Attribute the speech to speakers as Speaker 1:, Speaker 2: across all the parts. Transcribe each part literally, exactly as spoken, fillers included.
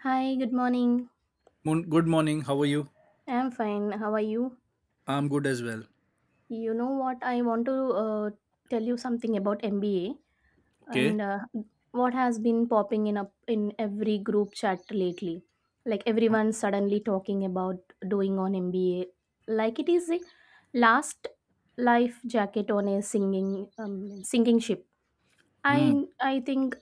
Speaker 1: Hi, good morning.
Speaker 2: Mon- good morning. How are you?
Speaker 1: I'm fine. How are you?
Speaker 2: I'm good as well.
Speaker 1: You know what? I want to uh, tell you something about M B A
Speaker 2: Okay.
Speaker 1: and uh, what has been popping in up in every group chat lately. Like everyone's suddenly talking about doing on M B A, like it is a last life jacket on a singing um, sinking ship.
Speaker 2: Hmm.
Speaker 1: I I think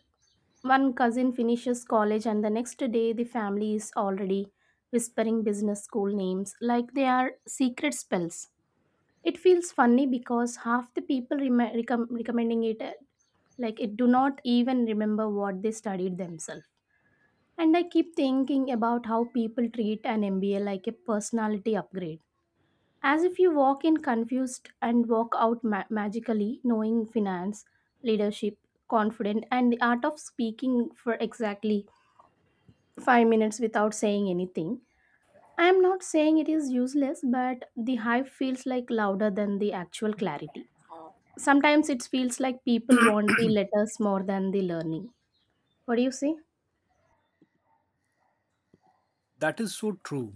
Speaker 1: One cousin finishes college, and the next day, the family is already whispering business school names like they are secret spells. It feels funny because half the people rem- recom- recommending it, uh, like it, do not even remember what they studied themselves. And I keep thinking about how people treat an M B A like a personality upgrade. As if you walk in confused and walk out ma- magically knowing finance, leadership, confident, and the art of speaking for exactly five minutes without saying anything. I am not saying it is useless, but the hype feels like louder than the actual clarity. Sometimes it feels like people want the letters more than the learning. What do you say?
Speaker 2: That is so true.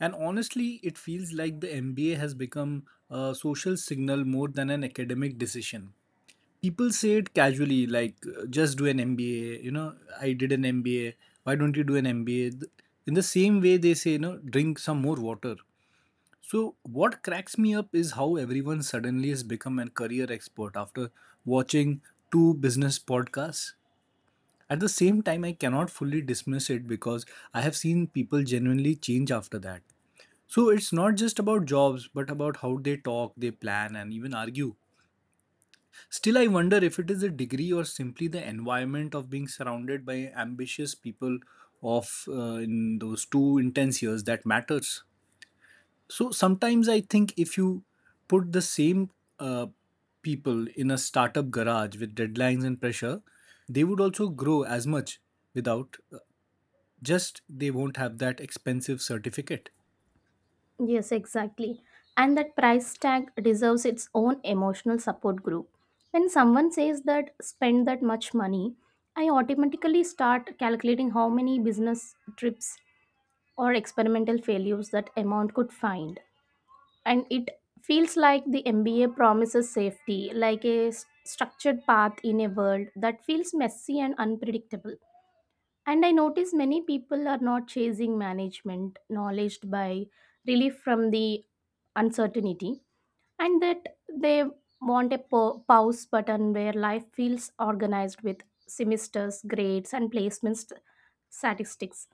Speaker 2: And honestly, it feels like the M B A has become a social signal more than an academic decision. People say it casually, like, uh, just do an M B A. You know, I did an M B A. Why don't you do an M B A? Th- In the same way, they say, you know, drink some more water. So, what cracks me up is how everyone suddenly has become a career expert after watching two business podcasts. At the same time, I cannot fully dismiss it because I have seen people genuinely change after that. So it's not just about jobs but about how they talk, they plan, and even argue. Still, I wonder if it is a degree or simply the environment of being surrounded by ambitious people of uh, in those two intense years that matters. So sometimes I think if you put the same uh, people in a startup garage with deadlines and pressure, they would also grow as much without uh, just they won't have that expensive certificate.
Speaker 1: Yes, exactly. And that price tag deserves its own emotional support group. When someone says that spend that much money, I automatically start calculating how many business trips or experimental failures that amount could find. And it feels like the M B A promises safety, like a s- structured path in a world that feels messy and unpredictable. And I notice many people are not chasing management knowledge by relief from the uncertainty, and that they want a pa- pause button where life feels organized with semesters, grades, and placements statistics.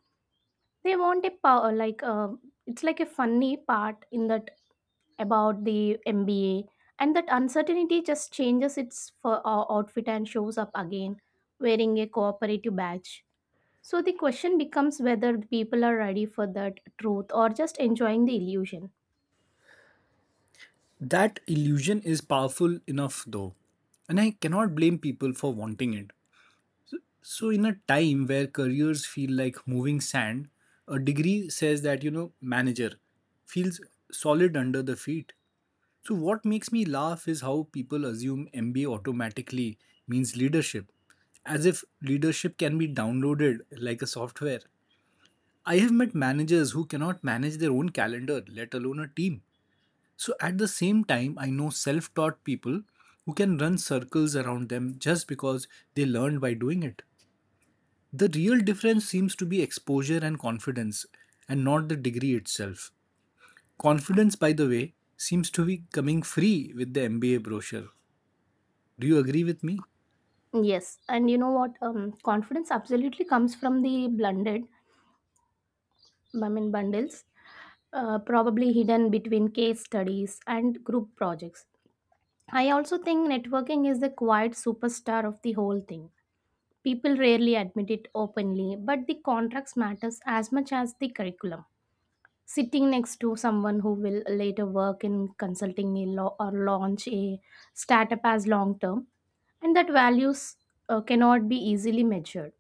Speaker 1: They want a power like a, it's like a funny part in that about the M B A, and that uncertainty just changes its for, uh, outfit and shows up again wearing a cooperative badge. So the question becomes whether the people are ready for that truth or just enjoying the illusion.
Speaker 2: That illusion is powerful enough though, and I cannot blame people for wanting it. So, in a time where careers feel like moving sand, a degree says that, you know, manager feels solid under the feet. So, what makes me laugh is how people assume M B A automatically means leadership, as if leadership can be downloaded like a software. I have met managers who cannot manage their own calendar, let alone a team. So at the same time, I know self taught people who can run circles around them just because they learned by doing it. The real difference seems to be exposure and confidence, and not the degree itself. Confidence, by the way, seems to be coming free with the M B A brochure. Do you agree with me?
Speaker 1: Yes, and you know what? Um, confidence absolutely comes from the blended, I mean, bundles, uh, probably hidden between case studies and group projects. I also think networking is the quiet superstar of the whole thing. People rarely admit it openly, but the contracts matters as much as the curriculum. Sitting next to someone who will later work in consulting a law or launch a startup as long term, and that values uh, cannot be easily measured.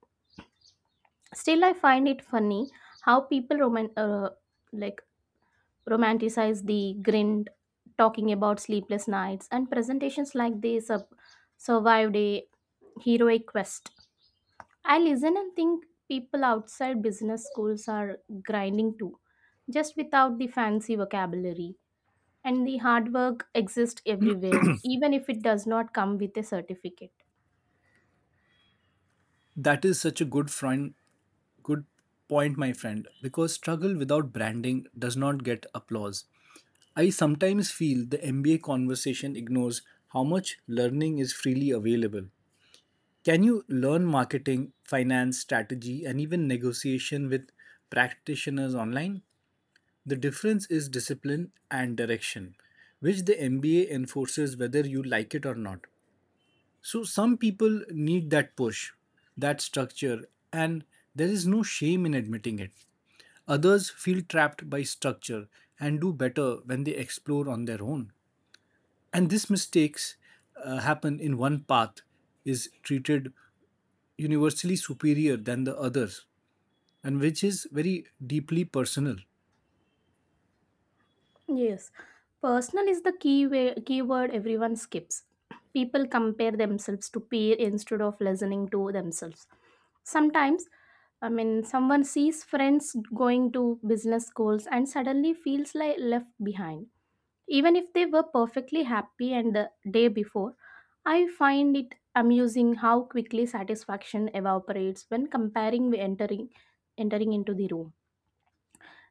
Speaker 1: Still, I find it funny how people roman- uh, like romanticize the grind, talking about sleepless nights and presentations like they sub- survived a heroic quest. I listen and think people outside business schools are grinding too, just without the fancy vocabulary. And the hard work exists everywhere, even if it does not come with a certificate.
Speaker 2: That is such a good friend, good point, my friend, because struggle without branding does not get applause. I sometimes feel the M B A conversation ignores how much learning is freely available. Can you learn marketing, finance, strategy, and even negotiation with practitioners online? The difference is discipline and direction, which the M B A enforces whether you like it or not. So, some people need that push, that structure, and there is no shame in admitting it. Others feel trapped by structure and do better when they explore on their own, and these mistakes uh, happen in one path is treated universally superior than the others, and which is very deeply personal.
Speaker 1: Yes, personal is the key way, keyword everyone skips. People compare themselves to peer instead of listening to themselves. Sometimes, I mean, someone sees friends going to business schools and suddenly feels like left behind even if they were perfectly happy and the day before. I find it amusing how quickly satisfaction evaporates when comparing with entering entering into the room.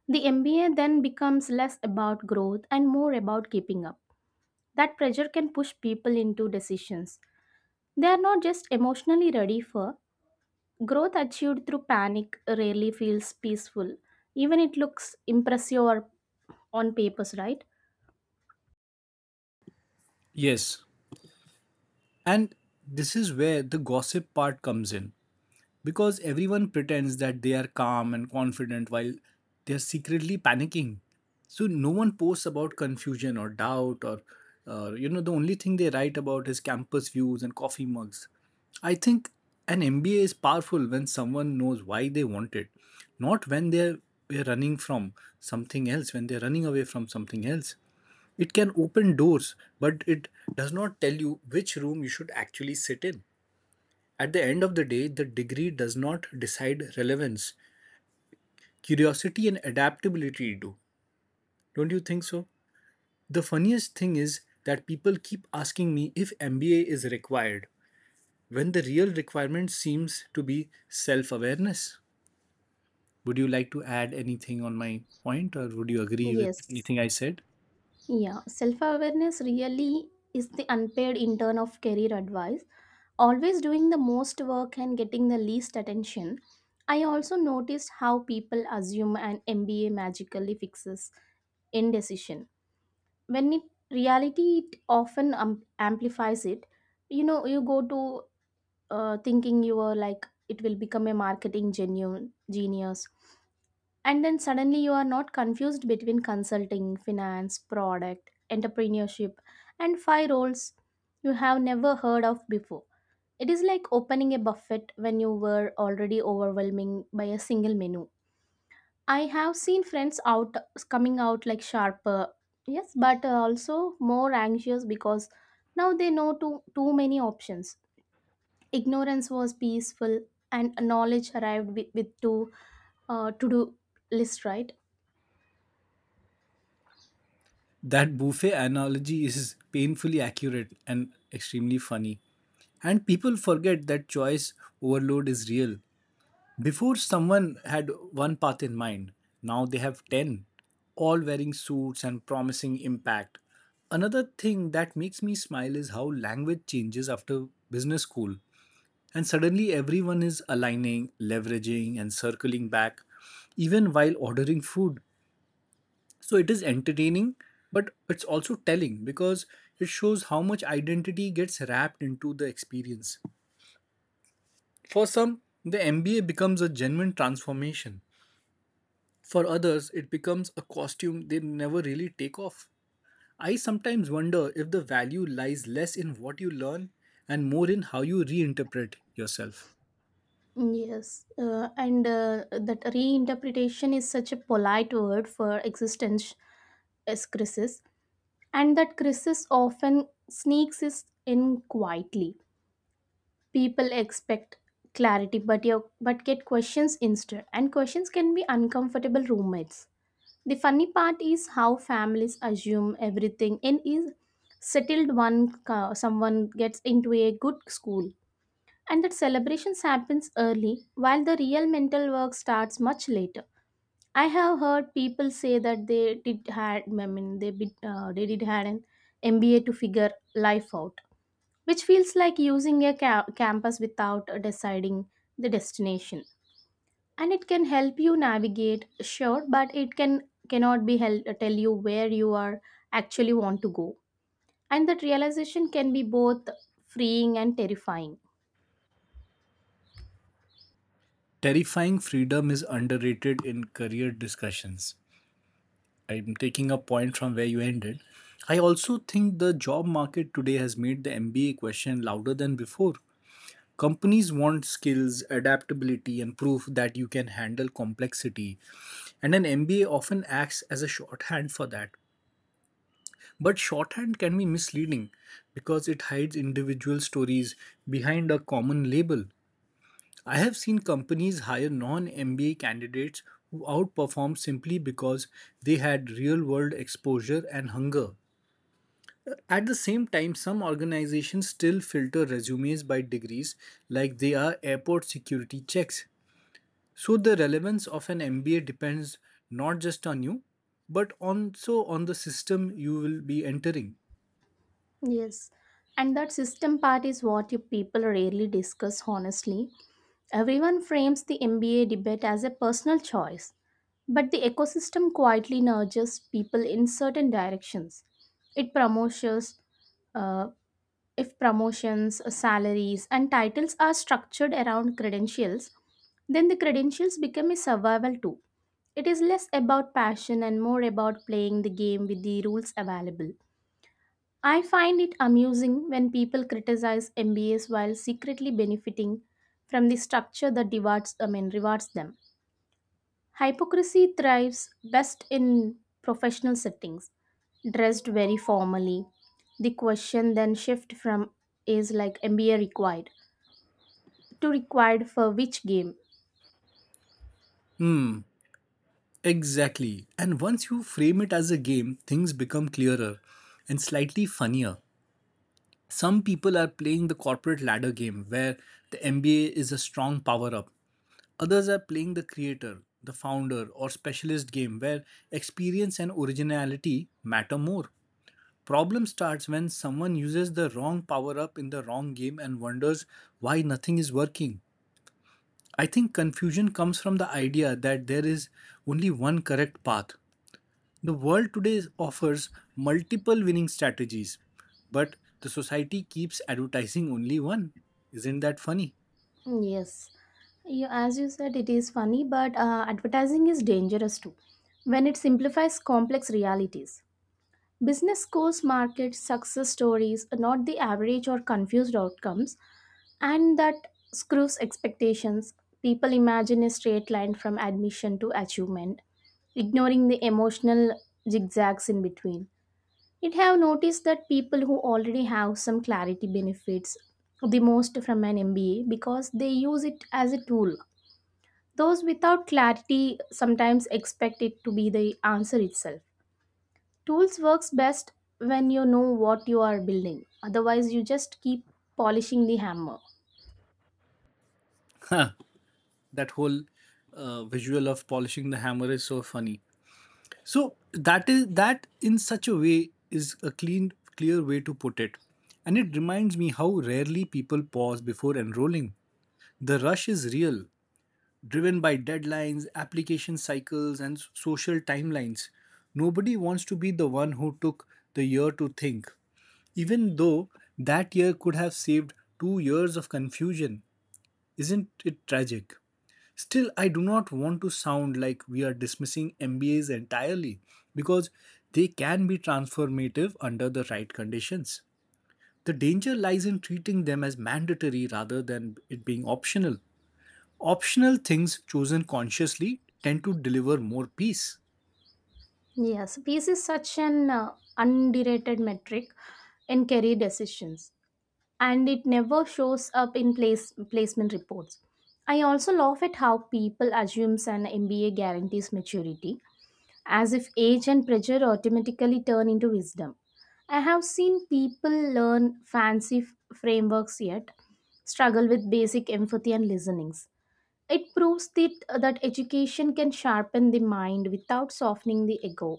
Speaker 1: The MBA then becomes less about growth and more about keeping up. That pressure can push people into decisions they are not just emotionally ready for. Growth achieved through panic rarely feels peaceful, even it looks impressive or on papers, right?
Speaker 2: Yes, and this is where the gossip part comes in. Because everyone pretends that they are calm and confident while they are secretly panicking. So no one posts about confusion or doubt or uh, you know, the only thing they write about is campus views and coffee mugs. I think an M B A is powerful when someone knows why they want it, not when they're we're running from something else, when they're running away from something else. It can open doors, but it does not tell you which room you should actually sit in. At the end of the day, the degree does not decide relevance. Curiosity and adaptability do. Don't you think so? The funniest thing is that people keep asking me if M B A is required when the real requirement seems to be self awareness. Would you like to add anything on my point or would you agree with
Speaker 1: Yes.
Speaker 2: anything I said?
Speaker 1: Yeah, self awareness really is the unpaid intern of career advice, always doing the most work and getting the least attention. I also noticed how people assume an M B A magically fixes indecision when it reality it often um, amplifies it. You know, you go to uh, thinking you are like it will become a marketing genuine genius, and then suddenly you are not confused between consulting, finance, product, entrepreneurship, and five roles you have never heard of before. It is like opening a buffet when you were already overwhelming by a single menu. I have seen friends out coming out like sharper, yes, but uh, also more anxious because now they know too too many options. Ignorance was peaceful, and knowledge arrived with, with two uh, to do list, right?
Speaker 2: That buffet analogy is painfully accurate and extremely funny. And people forget that choice overload is real. Before, someone had one path in mind. Now they have ten, all wearing suits and promising impact. Another thing that makes me smile is how language changes after business school. And suddenly everyone is aligning, leveraging, and circling back, even while ordering food. So it is entertaining, but it's also telling because it shows how much identity gets wrapped into the experience. For some, the M B A becomes a genuine transformation. For others, it becomes a costume they never really take off. I sometimes wonder if the value lies less in what you learn and more in how you reinterpret yourself.
Speaker 1: Yes, uh, and uh, that reinterpretation is such a polite word for existence as crisis, and that crisis often sneaks is in quietly. People expect clarity, but you but get questions instead, and questions can be uncomfortable roommates. The funny part is how families assume everything and is settled one uh, someone gets into a good school, and that celebrations happens early while the real mental work starts much later. I have heard people say that they did had I mean they, bit, uh, they did had an MBA to figure life out, which feels like using a ca- campus without deciding the destination. And it can help you navigate, sure, but it can cannot be hel- tell you where you are actually want to go, and that realization can be both freeing and terrifying.
Speaker 2: Terrifying freedom is underrated in career discussions. I'm taking a point from where you ended. I also think the job market today has made the M B A question louder than before. Companies want skills, adaptability, and proof that you can handle complexity. And an M B A often acts as a shorthand for that. But shorthand can be misleading because it hides individual stories behind a common label. I have seen companies hire non M B A candidates who outperform simply because they had real world exposure and hunger. At the same time, some organizations still filter resumes by degrees like they are airport security checks. So the relevance of an M B A depends not just on you, but also on the system you will be entering.
Speaker 1: Yes, and that system part is what you people rarely discuss honestly. Everyone frames the M B A debate as a personal choice, but the ecosystem quietly nudges people in certain directions. It promotions, uh, if promotions, salaries, and titles are structured around credentials, then the credentials become a survival tool. It is less about passion and more about playing the game with the rules available. I find it amusing when people criticize M B As while secretly benefiting from the structure that rewards, I mean, rewards them. Hypocrisy thrives best in professional settings, dressed very formally. The question then shift from is like M B A required to required for which game?
Speaker 2: Exactly. And once you frame it as a game, things become clearer and slightly funnier. Some people are playing the corporate ladder game where the M B A is a strong power up. Others are playing the creator, the founder, or specialist game where experience and originality matter more. Problem starts when someone uses the wrong power up in the wrong game and wonders why nothing is working. I think confusion comes from the idea that there is only one correct path. The world today offers multiple winning strategies, but the society keeps advertising only one. Isn't that funny?
Speaker 1: Yes. You, as you said, it is funny, but uh, advertising is dangerous too when it simplifies complex realities. Business schools market success stories, not the average or confused outcomes, and that screws expectations. People imagine a straight line from admission to achievement, ignoring the emotional zigzags in between. It have noticed that people who already have some clarity benefits the most from an M B A because they use it as a tool. Those without clarity sometimes expect it to be the answer itself. Tools works best when you know what you are building. Otherwise, you just keep polishing the hammer.
Speaker 2: Huh, that whole uh, visual of polishing the hammer is so funny. So that is that in such a way is a clean, clear way to put it, and it reminds me how rarely people pause before enrolling. The rush is real, driven by deadlines, application cycles, and social timelines. Nobody wants to be the one who took the year to think, even though that year could have saved two years of confusion. Isn't it tragic? Still, I do not want to sound like we are dismissing M B As entirely because they can be transformative under the right conditions. The danger lies in treating them as mandatory rather than it being optional. Optional things chosen consciously tend to deliver more peace.
Speaker 1: Yes, pace is such an uh, underrated metric in career decisions, and it never shows up in place placement reports. I also laugh at how people assumes an M B A guarantees maturity, as if age and pressure automatically turn into wisdom. I have seen people learn fancy f- frameworks yet struggle with basic empathy and listening. It proves that, uh, that education can sharpen the mind without softening the ego,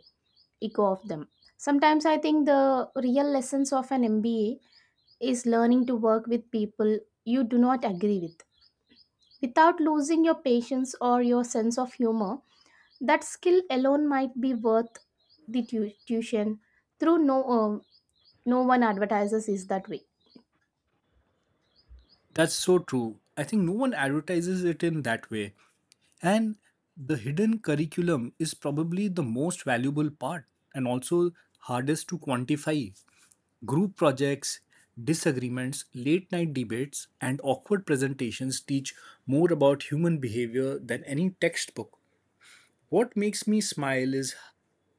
Speaker 1: ego of them. Sometimes I think the real lessons of an M B A is learning to work with people you do not agree with. Without losing your patience or your sense of humor, that skill alone might be worth the tu- tuition through no, uh, no one advertises is that way.
Speaker 2: That's so true. I think no one advertises it in that way. And the hidden curriculum is probably the most valuable part and also hardest to quantify. Group projects, disagreements, late night debates, and awkward presentations teach more about human behavior than any textbook. What makes me smile is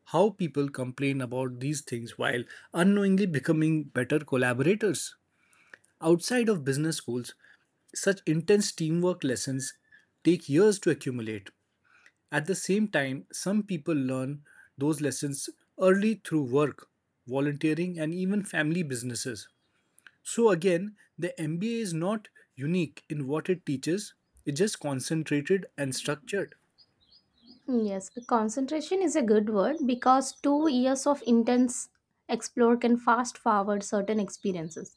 Speaker 2: how people complain about these things while unknowingly becoming better collaborators. Outside of business schools, such intense teamwork lessons take years to accumulate. At the same time, some people learn those lessons early through work, volunteering, and even family businesses. So, again, the M B A is not unique in what it teaches, it's just concentrated and structured.
Speaker 1: Yes, concentration is a good word because two years of intense explore can fast forward certain experiences.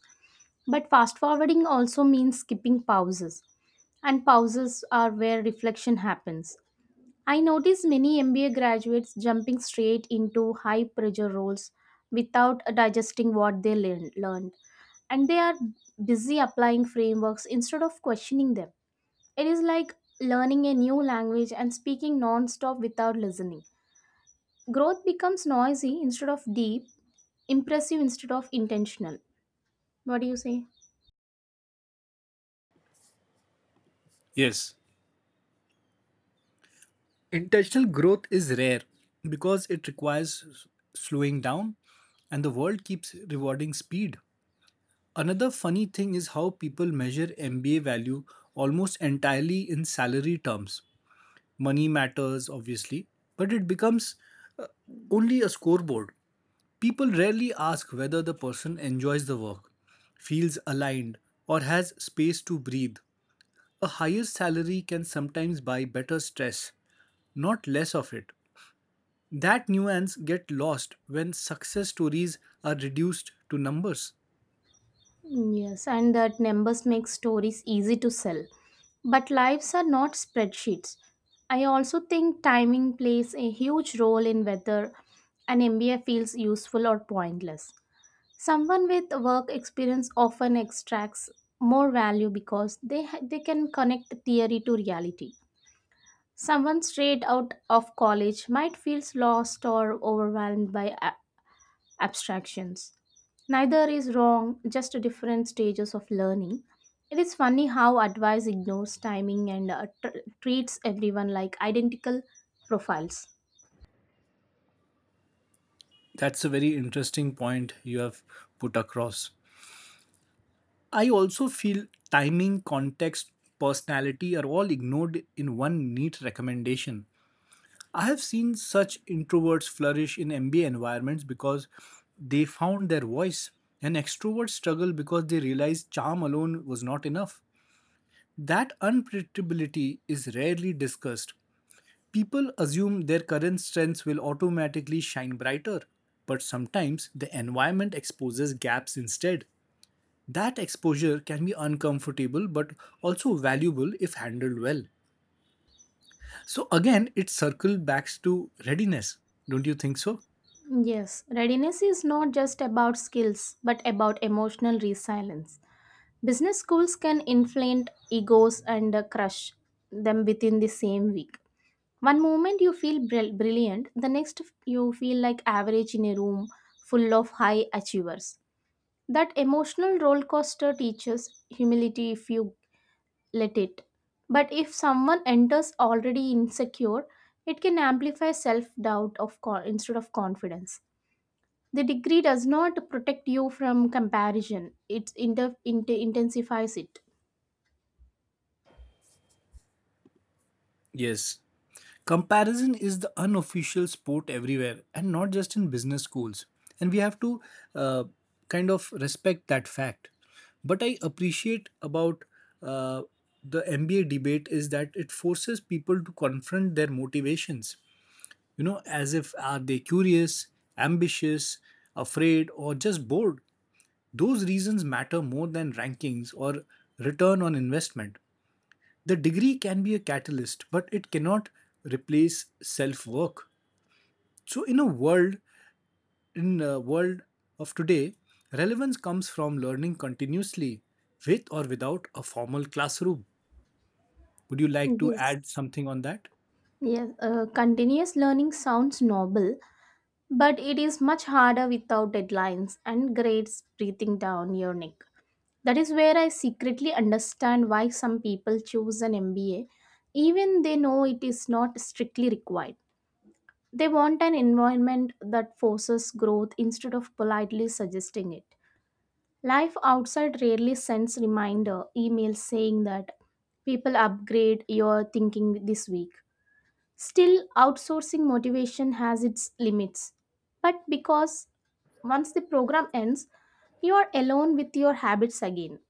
Speaker 1: But fast forwarding also means skipping pauses, and pauses are where reflection happens. I notice many M B A graduates jumping straight into high pressure roles without digesting what they learn- learned, and they are busy applying frameworks instead of questioning them. It is like learning a new language and speaking non stop without listening. Growth becomes noisy instead of deep, impressive instead of intentional. What do you say?
Speaker 2: Yes, intentional growth is rare because it requires s- slowing down, and the world keeps rewarding speed. Another funny thing is how people measure M B A value almost entirely in salary terms. Money matters, obviously, but it becomes uh, only a scoreboard. People rarely ask whether the person enjoys the work, feels aligned, or has space to breathe. A higher salary can sometimes buy better stress, not less of it. That nuance get lost when success stories are reduced to numbers.
Speaker 1: Mm, yes, and that numbers make stories easy to sell. But lives are not spreadsheets. I also think timing plays a huge role in whether an M B A feels useful or pointless. Someone with work experience often extracts more value because they ha- they can connect theory to reality. Someone straight out of college might feel lost or overwhelmed by a- abstractions. Neither is wrong, just different stages of learning. It is funny how advice ignores timing and uh, tr- treats everyone like identical profiles.
Speaker 2: That's a very interesting point you have put across. I also feel timing, context, personality are all ignored in one neat recommendation. I have seen such introverts flourish in M B A environments because they found their voice, and extroverts struggle because they realized charm alone was not enough. That unpredictability is rarely discussed. People assume their current strengths will automatically shine brighter, but sometimes the environment exposes gaps instead. That exposure can be uncomfortable but also valuable if handled well. So, again, it circles back to readiness. Don't you think so?
Speaker 1: Yes, readiness is not just about skills but about emotional resilience. Business schools can inflate egos and uh, crush them within the same week. One moment you feel brill- brilliant, the next f- you feel like average in a room full of high achievers. That emotional roller coaster teaches humility if you let it. But if someone enters already insecure, it can amplify self doubt of co- instead of confidence. The degree does not protect you from comparison; it inter- inter- intensifies it.
Speaker 2: Yes. Comparison is the unofficial sport everywhere and not just in business schools. And we have to uh, kind of respect that fact. But I appreciate about uh, the M B A debate is that it forces people to confront their motivations. You know, as if are they curious, ambitious, afraid, or just bored? Those reasons matter more than rankings or return on investment. The degree can be a catalyst, but it cannot replace self work. So, in a world in a world of today, relevance comes from learning continuously, with or without a formal classroom. Would you like to add
Speaker 1: Yes.
Speaker 2: something on that?
Speaker 1: Yes. Uh, continuous learning sounds noble, but it is much harder without deadlines and grades breathing down your neck. That is where I secretly understand why some people choose an M B A, even they know it is not strictly required. They want an environment that forces growth instead of politely suggesting it. Life outside rarely sends reminder emails saying that people upgrade your thinking this week. Still, outsourcing motivation has its limits. But because once the program ends, you are alone with your habits again.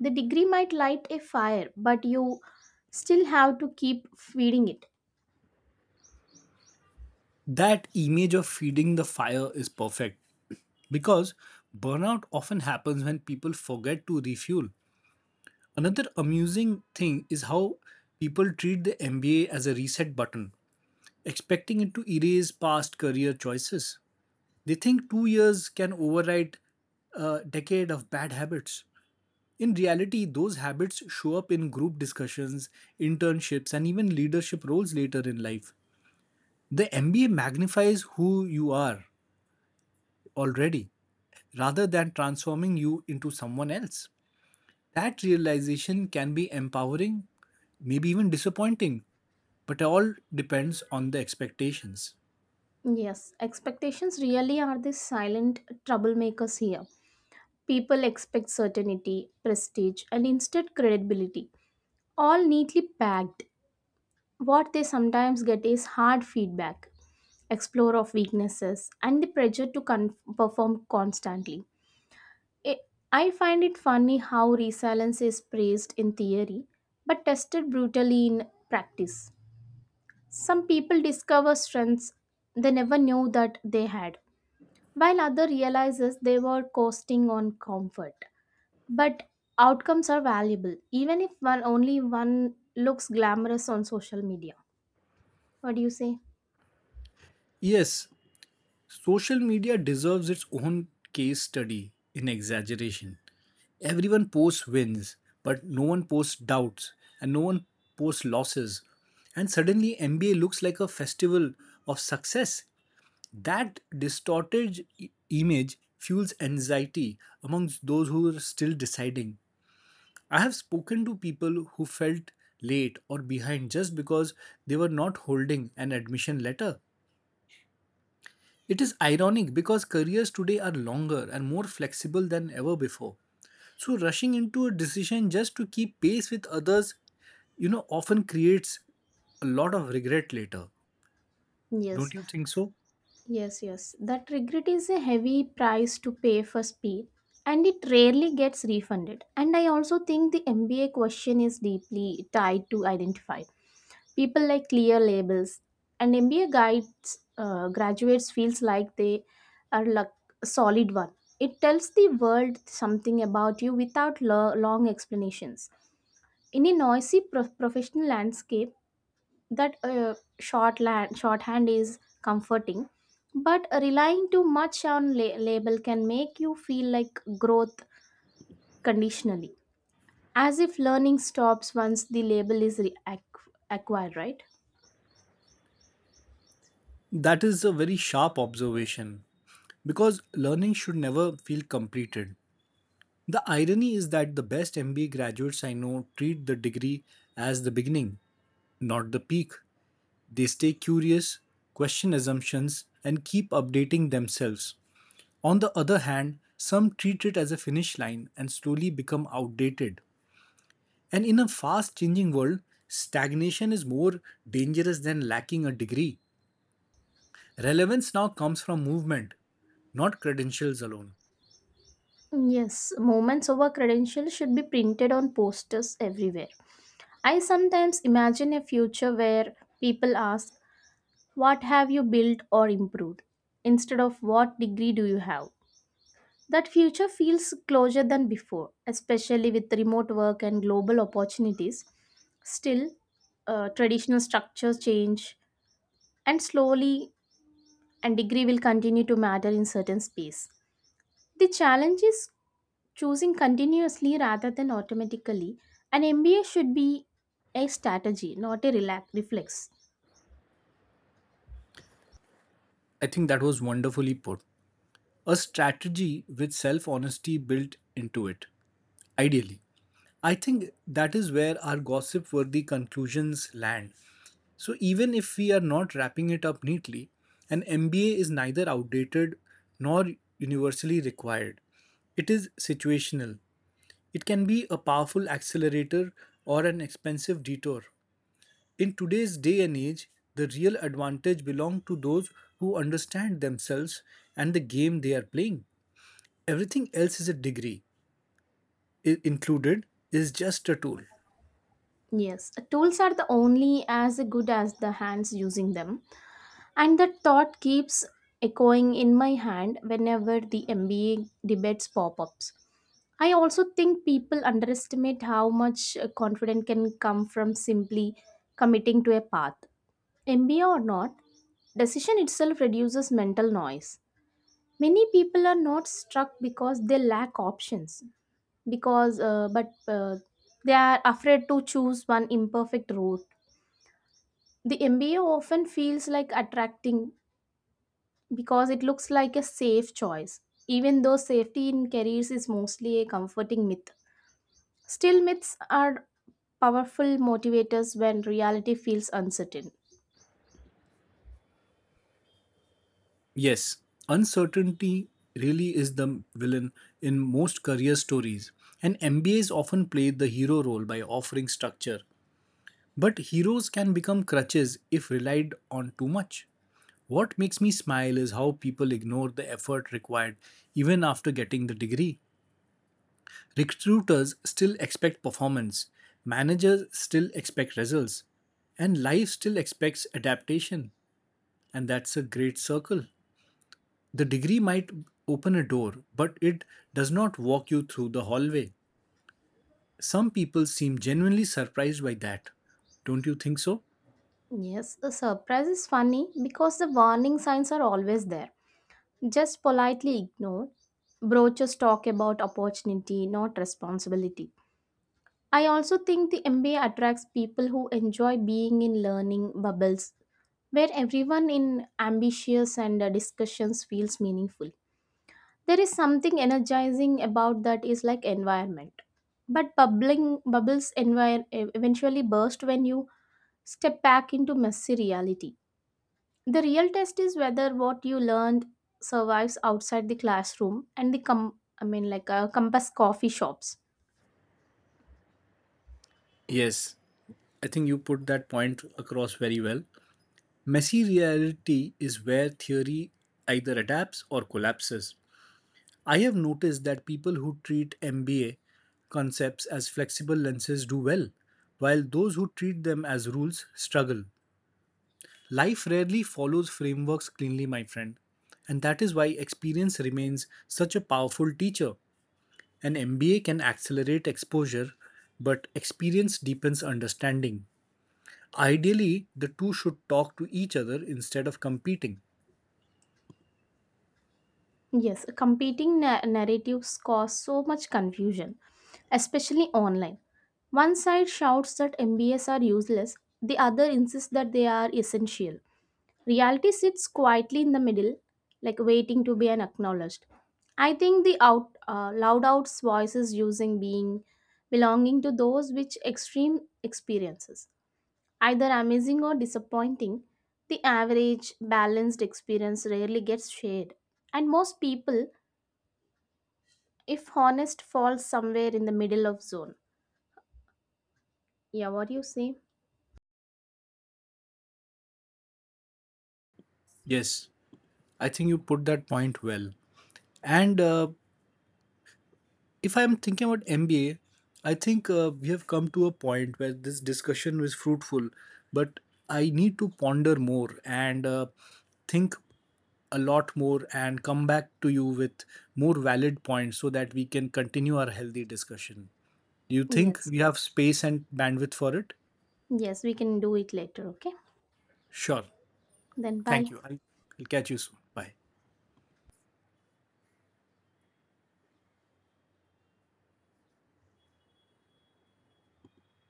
Speaker 1: The degree might light a fire, but you still have to keep feeding it.
Speaker 2: That image of feeding the fire is perfect because burnout often happens when people forget to refuel. Another amusing thing is how people treat the M B A as a reset button, expecting it to erase past career choices. They think two years can override a decade of bad habits. In reality, those habits show up in group discussions, internships, and even leadership roles later in life. The M B A magnifies who you are already rather than transforming you into someone else. That realization can be empowering, maybe even disappointing, but all depends on the expectations.
Speaker 1: Yes, expectations really are the silent troublemakers here. People expect certainty, prestige, and instead credibility, all neatly packed. What they sometimes get is hard feedback, explore of weaknesses, and the pressure to con- perform constantly. I I find it funny how resilience is praised in theory but tested brutally in practice. Some people discover strengths they never knew that they had, while others realizes they were coasting on comfort. But outcomes are valuable, even if one only one looks glamorous on social media. What do you say?
Speaker 2: Yes, social media deserves its own case study in exaggeration. Everyone posts wins, but no one posts doubts, and no one posts losses. And suddenly, M B A looks like a festival of success. That distorted i- image fuels anxiety amongst those who are still deciding. I have spoken to people who felt late or behind just because they were not holding an admission letter. It is ironic because careers today are longer and more flexible than ever before. So rushing into a decision just to keep pace with others, you know, often creates a lot of regret later.
Speaker 1: Yes.
Speaker 2: Don't you think so?
Speaker 1: Yes, yes. That regret is a heavy price to pay for speed and it rarely gets refunded. And I also think the M B A question is deeply tied to identify. People like clear labels and M B A guides uh, graduates feels like they are like a solid one. It tells the world something about you without lo- long explanations. In a noisy pro- professional landscape, that uh, short land, shorthand is comforting but relying too much on la- label can make you feel like growth conditionally as if learning stops once the label is re- ac- acquired, right?
Speaker 2: That is a very sharp observation because learning should never feel completed. The irony is that the best M B A graduates I know treat the degree as the beginning, not the peak. They stay curious, question assumptions, and keep updating themselves. On the other hand, some treat it as a finish line and slowly become outdated. And in a fast changing world, stagnation is more dangerous than lacking a degree. Relevance now comes from movement, not credentials alone.
Speaker 1: Yes, moments over credentials should be printed on posters everywhere. I sometimes imagine a future where people ask, what have you built or improved, instead of what degree do you have? That future feels closer than before, especially with remote work and global opportunities. Still, uh, traditional structures change, and slowly, and degree will continue to matter in certain space. The challenge is choosing continuously rather than automatically. An M B A should be a strategy, not a relax reflex.
Speaker 2: I think that was wonderfully put. A strategy with self honesty built into it, ideally. I think that is where our gossip worthy conclusions land. So, even if we are not wrapping it up neatly, an M B A is neither outdated nor universally required. It is situational. It can be a powerful accelerator or an expensive detour. In today's day and age, the real advantage belongs to those who understand themselves and the game they are playing. Everything else is a degree. I- included is just a tool.
Speaker 1: Yes, tools are the only as good as the hands using them. And that thought keeps echoing in my hand whenever the M B A debates pop ups. I also think people underestimate how much uh, confidence can come from simply committing to a path. M B A or not, decision itself reduces mental noise. Many people are not struck because they lack options, because uh, but uh, they are afraid to choose one imperfect route. The M B A often feels like attracting because it looks like a safe choice. Even though safety in careers is mostly a comforting myth, still myths are powerful motivators when reality feels uncertain.
Speaker 2: Yes, uncertainty really is the villain in most career stories, and M B As often play the hero role by offering structure. But heroes can become crutches if relied on too much. What makes me smile is how people ignore the effort required even after getting the degree. Recruiters still expect performance, managers still expect results, and life still expects adaptation. And that's a great circle. The degree might open a door, but it does not walk you through the hallway. Some people seem genuinely surprised by that. Don't you think so?
Speaker 1: Yes, the surprise is funny because the warning signs are always there, just politely ignored. Brochures talk about opportunity, not responsibility. I also think the M B A attracts people who enjoy being in learning bubbles where everyone in ambitious and uh, discussions feels meaningful. There is something energizing about that is like environment. But bubbling bubbles envir- e-, eventually burst when you step back into messy reality. The real test is whether what you learned survives outside the classroom and the com- I mean, like, uh, compass coffee shops.
Speaker 2: Yes, I think you put that point across very well. Messy reality is where theory either adapts or collapses. I have noticed that people who treat M B A concepts as flexible lenses do well, while those who treat them as rules struggle. Life rarely follows frameworks cleanly, my friend. And that is why experience remains such a powerful teacher. An M B A can accelerate exposure, but experience deepens understanding. Ideally, the two should talk to each other instead of competing.
Speaker 1: Yes, competing na- narratives cause so much confusion, especially online. One side shouts that M B As are useless, the other insists that they are essential. Reality sits quietly in the middle, like waiting to be an acknowledged. I think the out uh, loud out's voices using being belonging to those which extreme experiences, either amazing or disappointing, the average balanced experience rarely gets shared, and most people if honest falls somewhere in the middle of zone. Yeah, what do you say?
Speaker 2: Yes, I think you put that point well. And uh, if I'm thinking about M B A, I think uh, we have come to a point where this discussion was fruitful, but I need to ponder more and uh, think a lot more and come back to you with more valid points so that we can continue our healthy discussion. Do you think
Speaker 1: Yes.
Speaker 2: we have space and bandwidth for it?
Speaker 1: Yes, we can do it later. Okay,
Speaker 2: Sure.
Speaker 1: then
Speaker 2: Thank
Speaker 1: bye.
Speaker 2: you. I'll I'll catch you soon. Bye.